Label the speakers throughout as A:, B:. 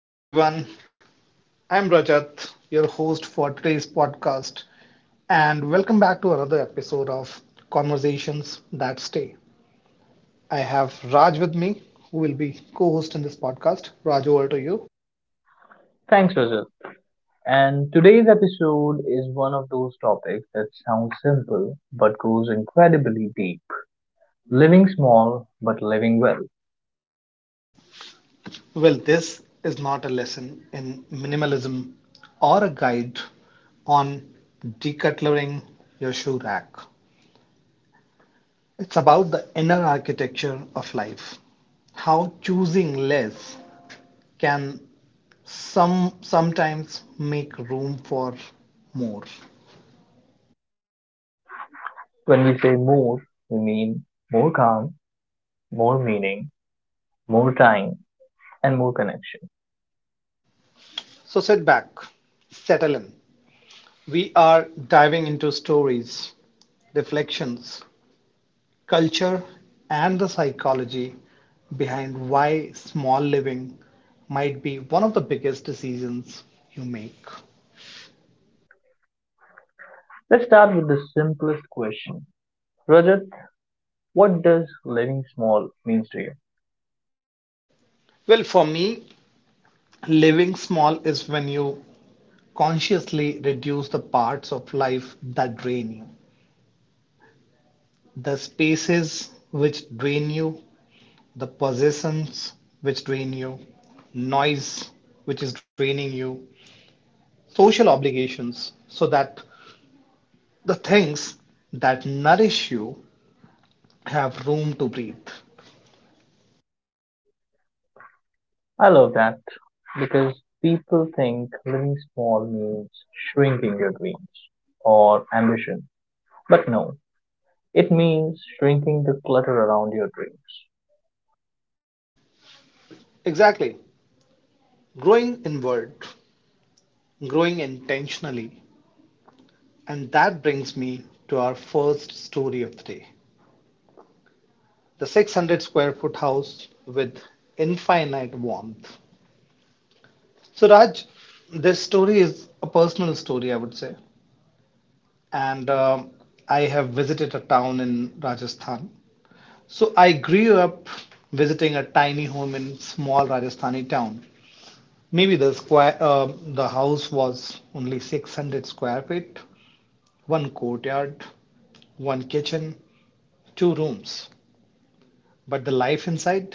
A: Hello, everyone. I'm Rajat, your host for today's podcast, and welcome back to another episode of Conversations That Stay. I have Raj with me, who will be co host in this podcast. Raj, over to you.
B: Thanks, Rajat. And today's episode is one of those topics that sounds simple but goes incredibly deep. Living small but living well.
A: Well, this is not a lesson in minimalism or a guide on decluttering your shoe rack. It's about the inner architecture of life, how choosing less can sometimes make room for more.
B: When we say more, we mean more calm, more meaning, more time, and more connection.
A: So sit back, settle in. We are diving into stories, reflections, culture, and the psychology behind why small living might be one of the biggest decisions you make.
B: Let's start with the simplest question. Rajat, what does living small means to you?
A: Well, for me, living small is when you consciously reduce the parts of life that drain you. The spaces which drain you, the possessions which drain you, noise which is draining you, social obligations, so that the things that nourish you have room to breathe.
B: I love that because people think living small means shrinking your dreams or ambition. But no, it means shrinking the clutter around your dreams.
A: Exactly. Growing inward, growing intentionally. And that brings me to our first story of the day, the 600 square foot house with infinite warmth. So, Raj, this story is a personal story, I would say. And I have visited a town in Rajasthan. So, I grew up visiting a tiny home in small Rajasthani town. Maybe the house was only 600 square feet, one courtyard, one kitchen, two rooms. But the life inside,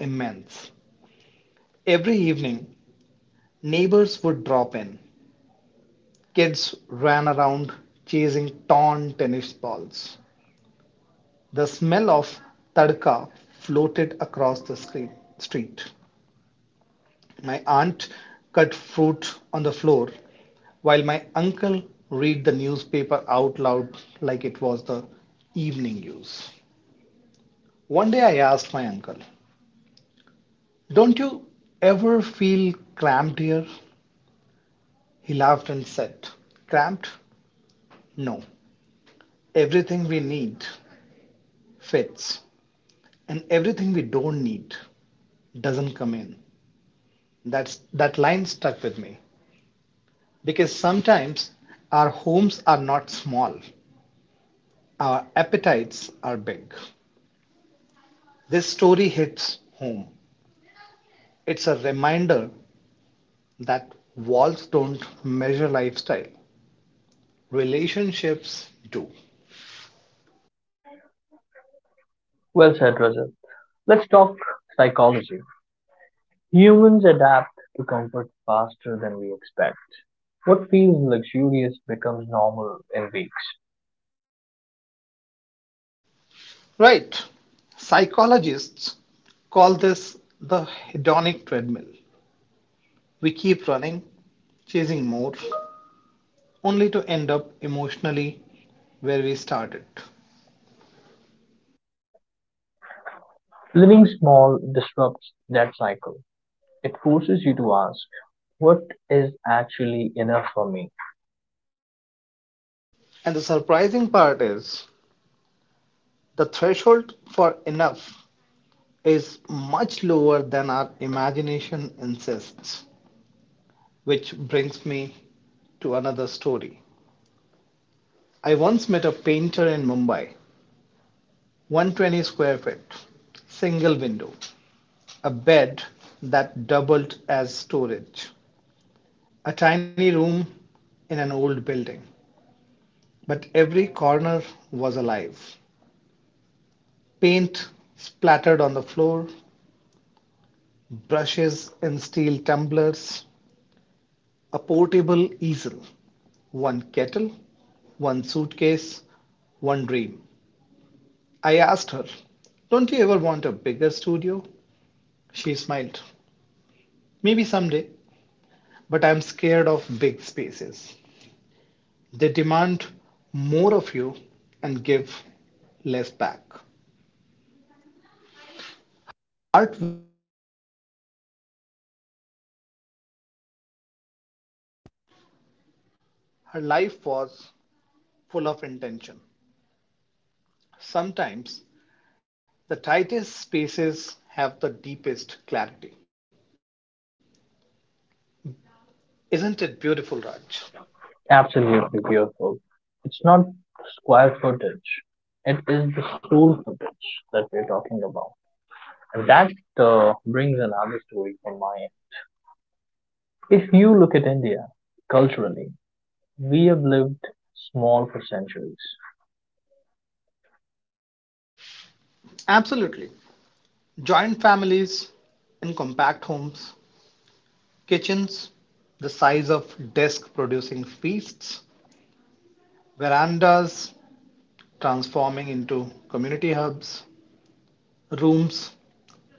A: immense. Every evening, neighbors would drop in. Kids ran around chasing torn tennis balls. The smell of tadka floated across the street. My aunt cut fruit on the floor while my uncle read the newspaper out loud like it was the evening news. One day I asked my uncle, "Don't you ever feel cramped here?" He laughed and said, "Cramped? No. Everything we need fits and everything we don't need doesn't come in." That line stuck with me because sometimes our homes are not small, our appetites are big. This story hits home. It's a reminder that walls don't measure lifestyle, relationships do.
B: Well said, Rajat. Let's talk psychology. Humans adapt to comfort faster than we expect. What feels luxurious becomes normal in weeks.
A: Right. Psychologists call this the hedonic treadmill. We keep running, chasing more, only to end up emotionally where we started.
B: Living small disrupts that cycle. It forces you to ask, what is actually enough for me?
A: And the surprising part is the threshold for enough is much lower than our imagination insists, which brings me to another story. I once met a painter in Mumbai, 120 square feet, single window, a bed that doubled as storage, a tiny room in an old building, but every corner was alive. Paint splattered on the floor, brushes in steel tumblers, a portable easel, one kettle, one suitcase, one dream. I asked her, "Don't you ever want a bigger studio?" She smiled, "Maybe someday, but I'm scared of big spaces. They demand more of you and give less back." Art. Her life was full of intention. Sometimes the tightest spaces have the deepest clarity. Isn't it beautiful, Raj?
B: Absolutely beautiful. It's not square footage, it is the soul footage that we're talking about. And that brings another story from my end. If you look at India culturally, we have lived small for centuries.
A: Absolutely. Joint families in compact homes, kitchens the size of desk producing feasts, verandas transforming into community hubs, rooms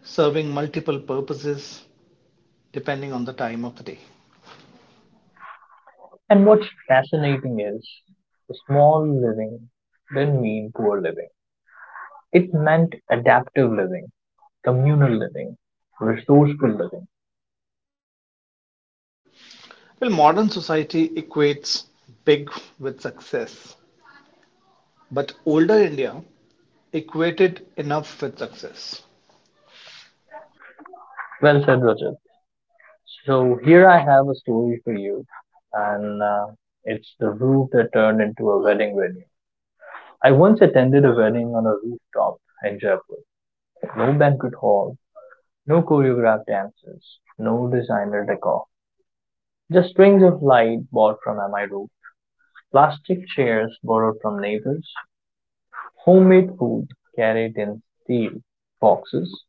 A: serving multiple purposes depending on the time of the day.
B: And what's fascinating is the small living didn't mean poor living, it meant adaptive living, communal living, resourceful living.
A: Well, modern society equates big with success. But older India equated enough with success.
B: Well said, Rajat. So, here I have a story for you, and it's the roof that turned into a wedding venue. I once attended a wedding on a rooftop in Jaipur. No banquet hall, no choreographed dances, no designer decor. Just strings of light bought from MI Road, plastic chairs borrowed from neighbors, homemade food carried in steel boxes,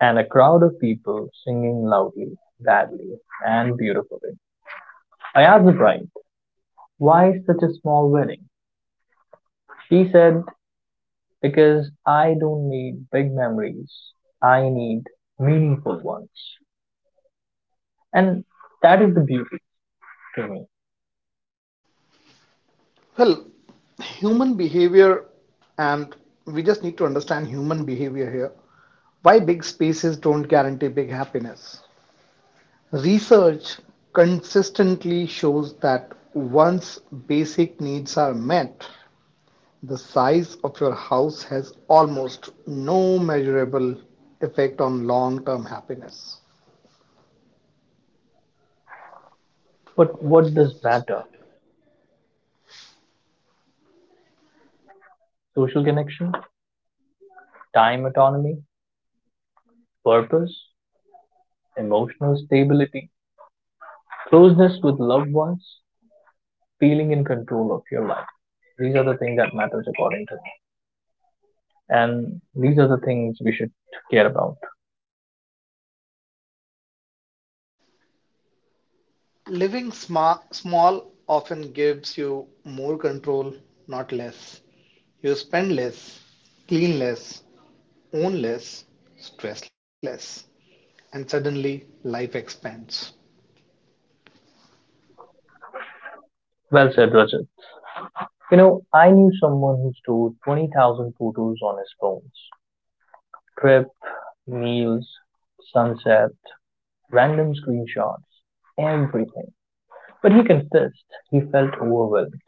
B: and a crowd of people singing loudly, badly, and beautifully. I asked the bride, why such a small wedding? She said, because I don't need big memories, I need meaningful ones. And that is the beauty to me.
A: Well, human behavior, and we just need to understand human behavior here. Why big spaces don't guarantee big happiness? Research consistently shows that once basic needs are met, the size of your house has almost no measurable effect on long term happiness.
B: But what does matter? Social connection, time autonomy, purpose, emotional stability, closeness with loved ones, feeling in control of your life. These are the things that matters according to me. And these are the things we should care about.
A: Living small often gives you more control, not less. You spend less, clean less, own less, stress less, and suddenly life expands.
B: Well said, Rajat. You know, I knew someone who stored 20,000 photos on his phones. Trip, meals, sunset, random screenshots, everything. But he confessed he felt overwhelmed.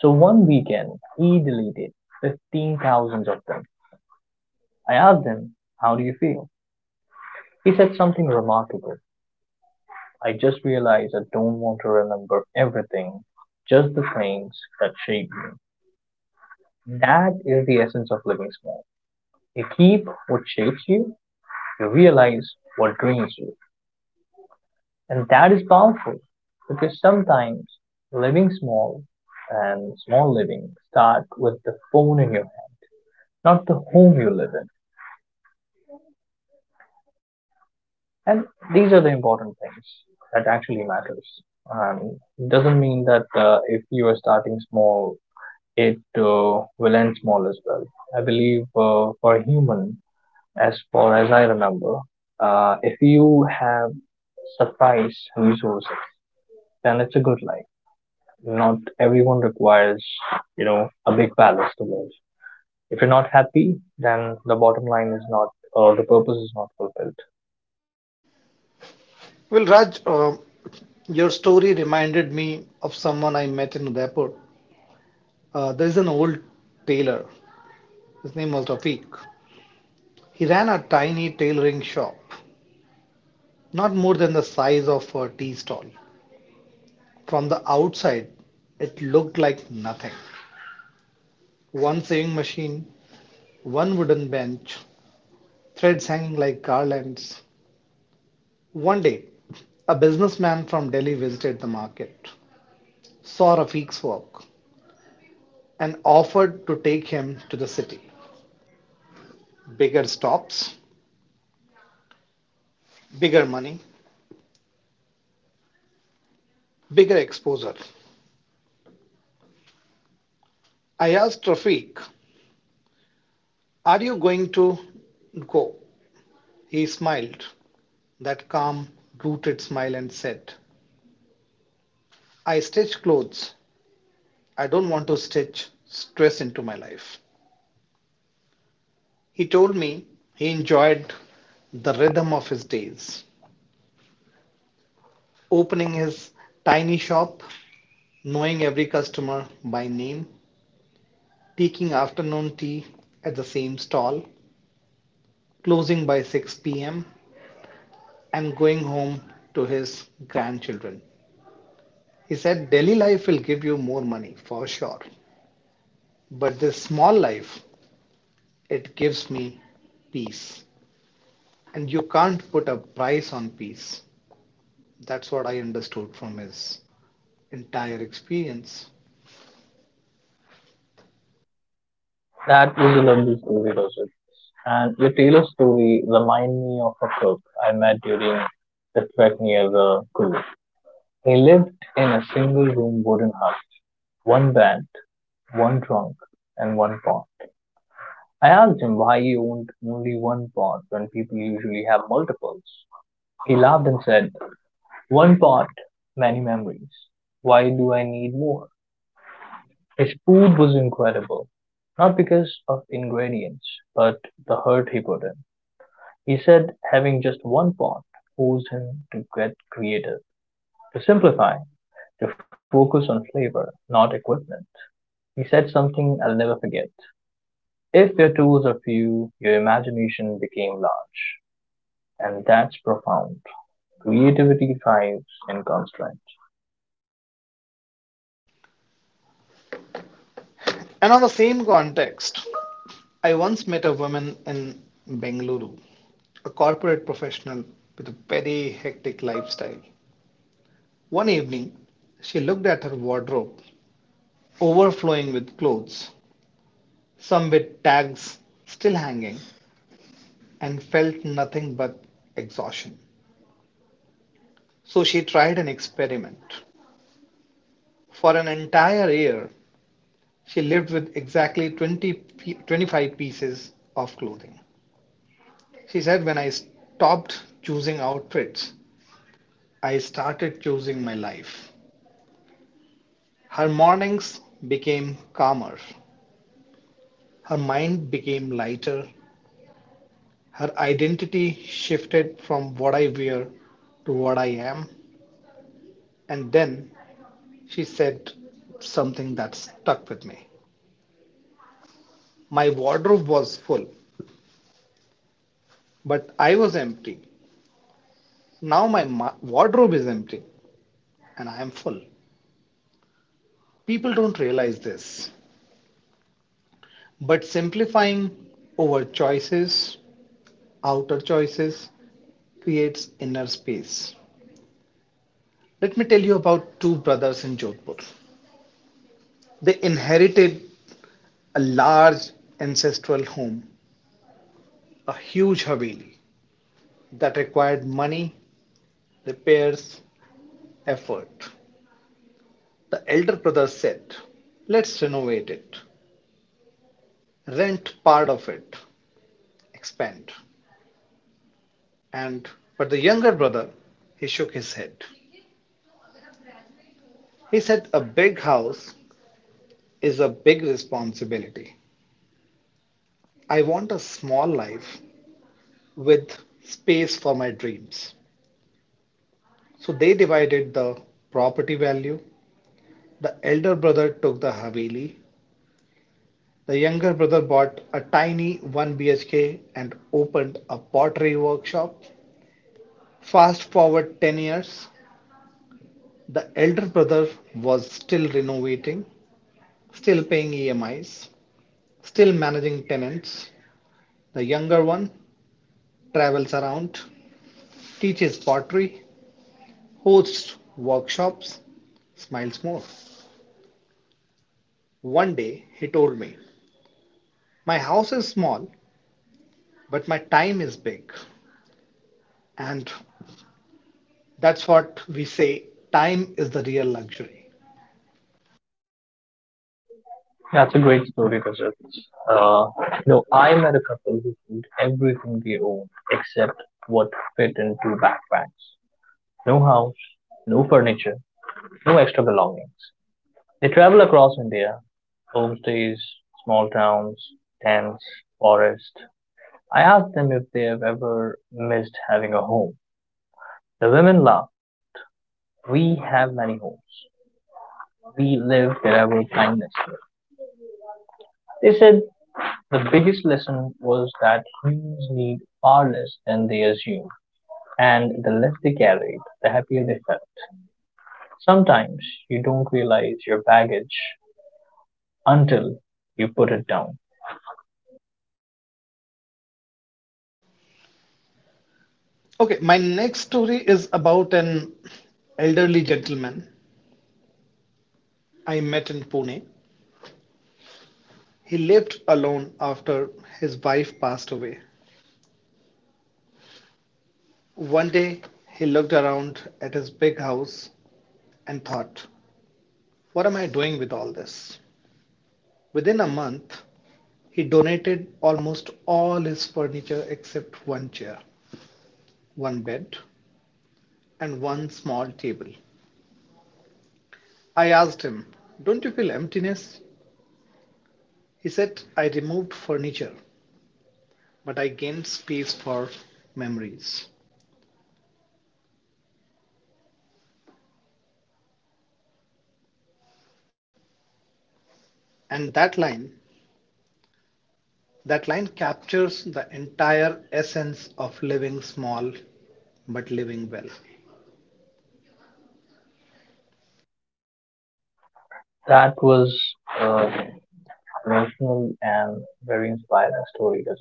B: So one weekend, he deleted 15,000 of them. I asked him, how do you feel? He said something remarkable. I just realized I don't want to remember everything, just the things that shape me. That is the essence of living small. You keep what shapes you, you realize what drains you. And that is powerful because sometimes living small and small living start with the phone in your hand, not the home you live in. And these are the important things that actually matters. And it doesn't mean that if you are starting small, it will end small as well. I believe for a human, as far as I remember, if you have surprise resources, then it's a good life. Not everyone requires, you know, a big palace to live. If you're not happy, then the bottom line is not, or the purpose is not fulfilled.
A: Well, Raj, your story reminded me of someone I met in Udaipur. There is an old tailor. His name was Rafiq. He ran a tiny tailoring shop, not more than the size of a tea stall. From the outside, it looked like nothing. One sewing machine, one wooden bench, threads hanging like garlands. One day, a businessman from Delhi visited the market, saw Rafiq's work, and offered to take him to the city. Bigger stops, bigger money, bigger exposure. I asked Rafiq, "Are you going to go?" He smiled, that calm, rooted smile, and said, "I stitch clothes. I don't want to stitch stress into my life." He told me he enjoyed the rhythm of his days, opening his tiny shop, knowing every customer by name, taking afternoon tea at the same stall, closing by 6 p.m., and going home to his grandchildren. He said, "Delhi life will give you more money for sure, but this small life, it gives me peace." And you can't put a price on peace. That's what I understood from his entire experience.
B: That was a lovely story, Rosal. And your Taylor story reminded me of a cook I met during the trek near the cruise. He lived in a single room wooden hut, one bed, one trunk, and one pot. I asked him why he owned only one pot when people usually have multiples. He laughed and said, one pot, many memories. Why do I need more? His food was incredible, not because of ingredients, but the hurt he put in. He said having just one pot, forced him to get creative, to simplify, to focus on flavor, not equipment. He said something I'll never forget. If your tools are few, your imagination became large. And that's profound. Creativity thrives in constraint.
A: And on the same context, I once met a woman in Bengaluru, a corporate professional with a very hectic lifestyle. One evening, she looked at her wardrobe, overflowing with clothes, some with tags still hanging, and felt nothing but exhaustion. So she tried an experiment. For an entire year, she lived with exactly twenty twenty-five pieces of clothing. She said, "When I stopped choosing outfits, I started choosing my life." Her mornings became calmer. Her mind became lighter. Her identity shifted from what I wear to what I am. And then she said something that stuck with me. "My wardrobe was full, but I was empty. Now my wardrobe is empty and I am full." People don't realize this, but simplifying over choices outer choices creates inner space. Let me tell you about two brothers in Jodhpur. They inherited a large ancestral home, a huge haveli that required money, repairs, effort. The elder brother said, "Let's renovate it, rent part of it, expand." And but the younger brother, he shook his head. He said, "A big house is a big responsibility. I want a small life with space for my dreams." So they divided the property value. The elder brother took the Haveli. The younger brother bought a tiny 1 BHK and opened a pottery workshop. Fast forward 10 years, the elder brother was still renovating, still paying EMIs, still managing tenants. The younger one travels around, teaches pottery, hosts workshops, smiles more. One day he told me, "My house is small, but my time is big." And that's what we say, time is the real luxury.
B: That's a great story, Rajat. Uh, no, I met a couple who sold everything they owned except what fit into backpacks. No house, no furniture, no extra belongings. They travel across India, homestays, small towns, tents, forest. I asked them if they have ever missed having a home. The women laughed. We have many homes. We live wherever kindness lives. They said the biggest lesson was that humans need far less than they assume, and the less they carried, the happier they felt. Sometimes you don't realize your baggage until you put it down.
A: Okay, my next story is about an elderly gentleman I met in Pune. He lived alone after his wife passed away. One day he looked around at his big house and thought, "What am I doing with all this?" Within a month, he donated almost all his furniture except one chair, one bed, and one small table. I asked him, "Don't you feel emptiness?" He said, "I removed furniture, but I gained space for memories." And that line captures the entire essence of living small but living well.
B: That was an emotional and very inspiring story. Gazelle.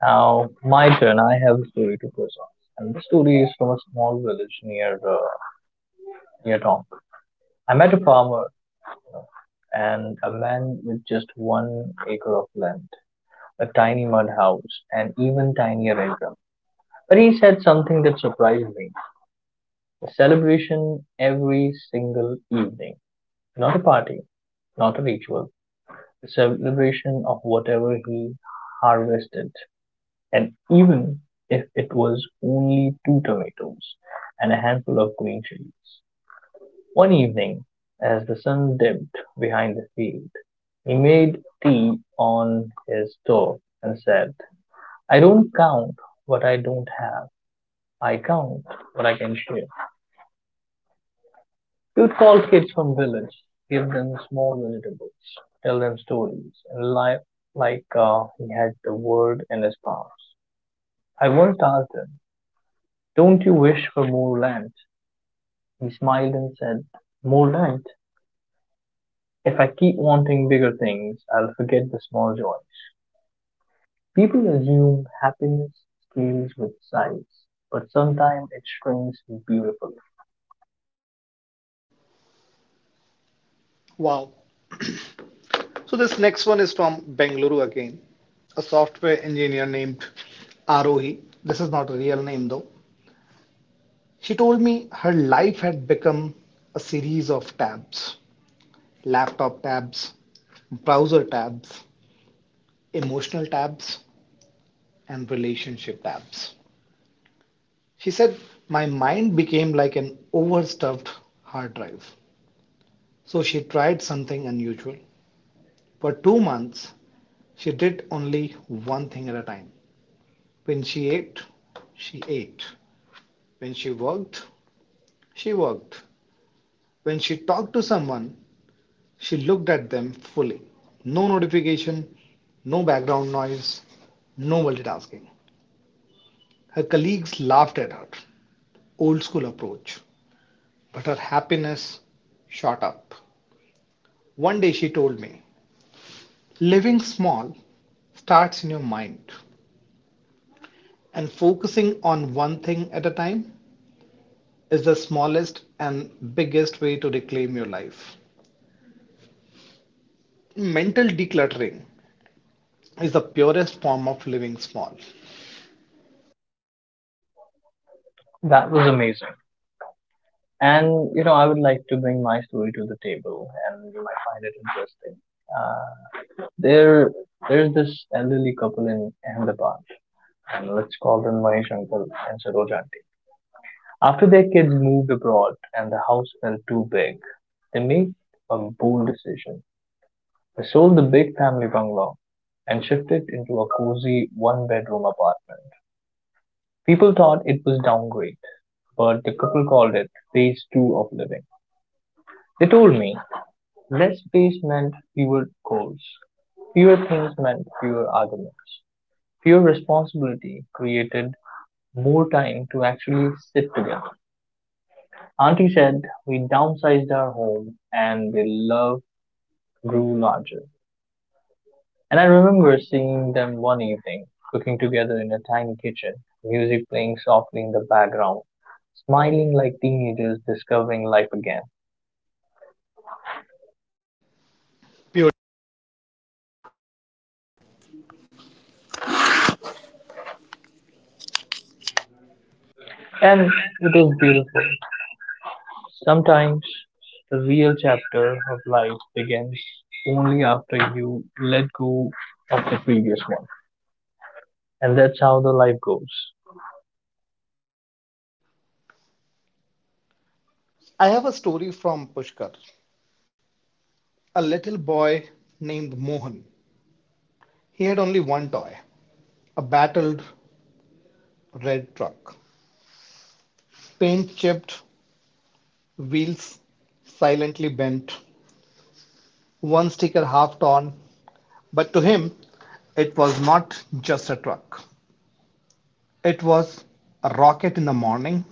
B: Now, my turn. I have a story to present, and the story is from a small village near town. I met a farmer and a man with just 1 acre of land, a tiny mud house, and even tinier income, but he said something that surprised me, a celebration every single evening. Not a party, not a ritual, a celebration of whatever he harvested. And even if it was only two tomatoes and a handful of green chilies. One evening, as the sun dipped behind the field, he made tea on his stove and said, I don't count what I don't have. I count what I can share. You'd call kids from village, give them small vegetables, tell them stories, and life like he had the world in his palms. I once asked him, don't you wish for more land? He smiled and said, more land? If I keep wanting bigger things, I'll forget the small joys. People assume happiness scales with size, but sometimes it shrinks beautifully.
A: Wow. So this next one is from Bengaluru again. A software engineer named Arohi. This is not a real name though. She told me her life had become a series of tabs, laptop tabs, browser tabs, emotional tabs, and relationship tabs. She said, "My mind became like an overstuffed hard drive." So she tried something unusual. For 2 months, she did only one thing at a time. When she ate, she ate. When she worked, she worked. When she talked to someone, she looked at them fully. No notification, no background noise, no multitasking. Her colleagues laughed at her old school approach, but her happiness shot up. One day she told me, "Living small starts in your mind, and focusing on one thing at a time is the smallest and biggest way to reclaim your life." Mental decluttering is the purest form of living small.
B: That was amazing. And you know, I would like to bring my story to the table, and you might find it interesting. Uh, there, there's this elderly couple in Ahmedabad, and let's call them Mahesh Uncle and Saroj Auntie. After their kids moved abroad and the house felt too big, they made a bold decision. They sold the big family bungalow and shifted into a cozy one-bedroom apartment. People thought it was downgrade, but the couple called it phase two of living. They told me less space meant fewer goals. Fewer things meant fewer arguments. Fewer responsibility created more time to actually sit together. Auntie said we downsized our home and the love grew larger. And I remember seeing them one evening, cooking together in a tiny kitchen, music playing softly in the background, smiling like teenagers discovering life again.
A: Pure.
B: And it is beautiful. Sometimes the real chapter of life begins only after you let go of the previous one. And that's how the life goes.
A: I have a story from Pushkar. A little boy named Mohan. He had only one toy, a battered red truck. Paint chipped, wheels silently bent, one sticker half torn. But to him, it was not just a truck. It was a rocket in the morning,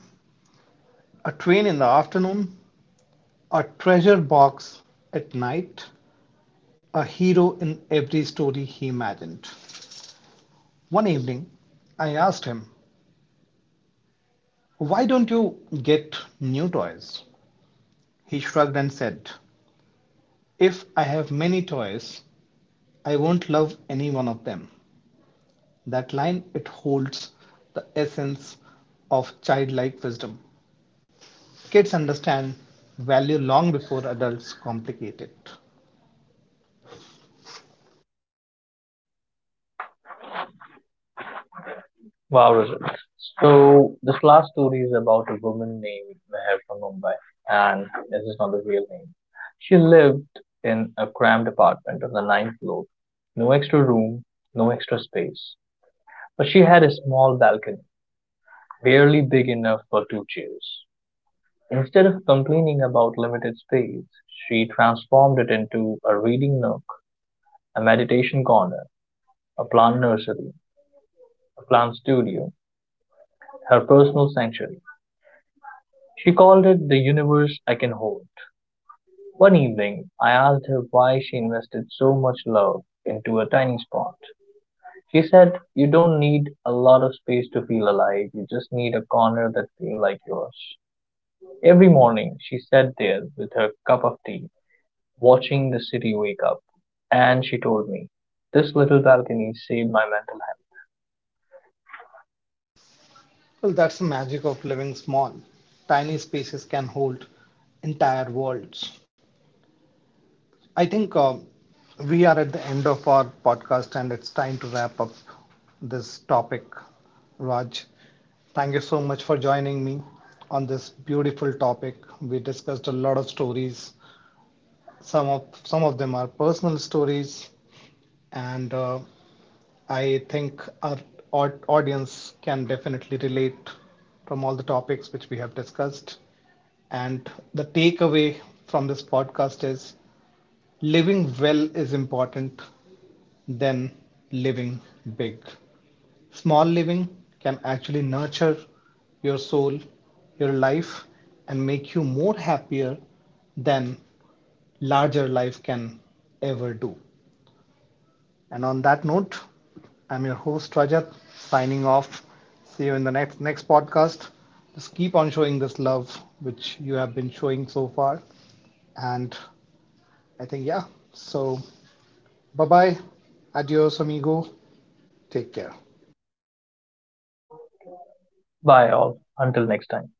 A: a train in the afternoon, a treasure box at night, a hero in every story he imagined. One evening, I asked him, "Why don't you get new toys?" He shrugged and said, "If I have many toys, I won't love any one of them." That line, it holds the essence of childlike wisdom. Kids understand value long before adults complicate it.
B: Wow, results. So this last story is about a woman named Meher from Mumbai. And this is not the real name. She lived in a cramped apartment on the ninth floor. No extra room, no extra space. But she had a small balcony, barely big enough for two chairs. Instead of complaining about limited space, she transformed it into a reading nook, a meditation corner, a plant nursery, a plant studio, her personal sanctuary. She called it the universe I can hold. One evening, I asked her why she invested so much love into a tiny spot. She said, you don't need a lot of space to feel alive, you just need a corner that feels like yours. Every morning, she sat there with her cup of tea, watching the city wake up. And she told me, this little balcony saved my mental health.
A: Well, that's the magic of living small. Tiny spaces can hold entire worlds. I think we are at the end of our podcast and it's time to wrap up this topic. Raj, thank you so much for joining me on this beautiful topic. We discussed a lot of stories. Some of them are personal stories, and I think our audience can definitely relate from all the topics which we have discussed. And the takeaway from this podcast is living well is important than living big. Small living can actually nurture your soul, your life, and make you more happier than larger life can ever do. And on that note, I'm your host Rajat signing off. See you in the next podcast. Just keep on showing this love which you have been showing so far. And I think yeah. So bye bye. Adios amigo. Take care.
B: Bye all, until next time.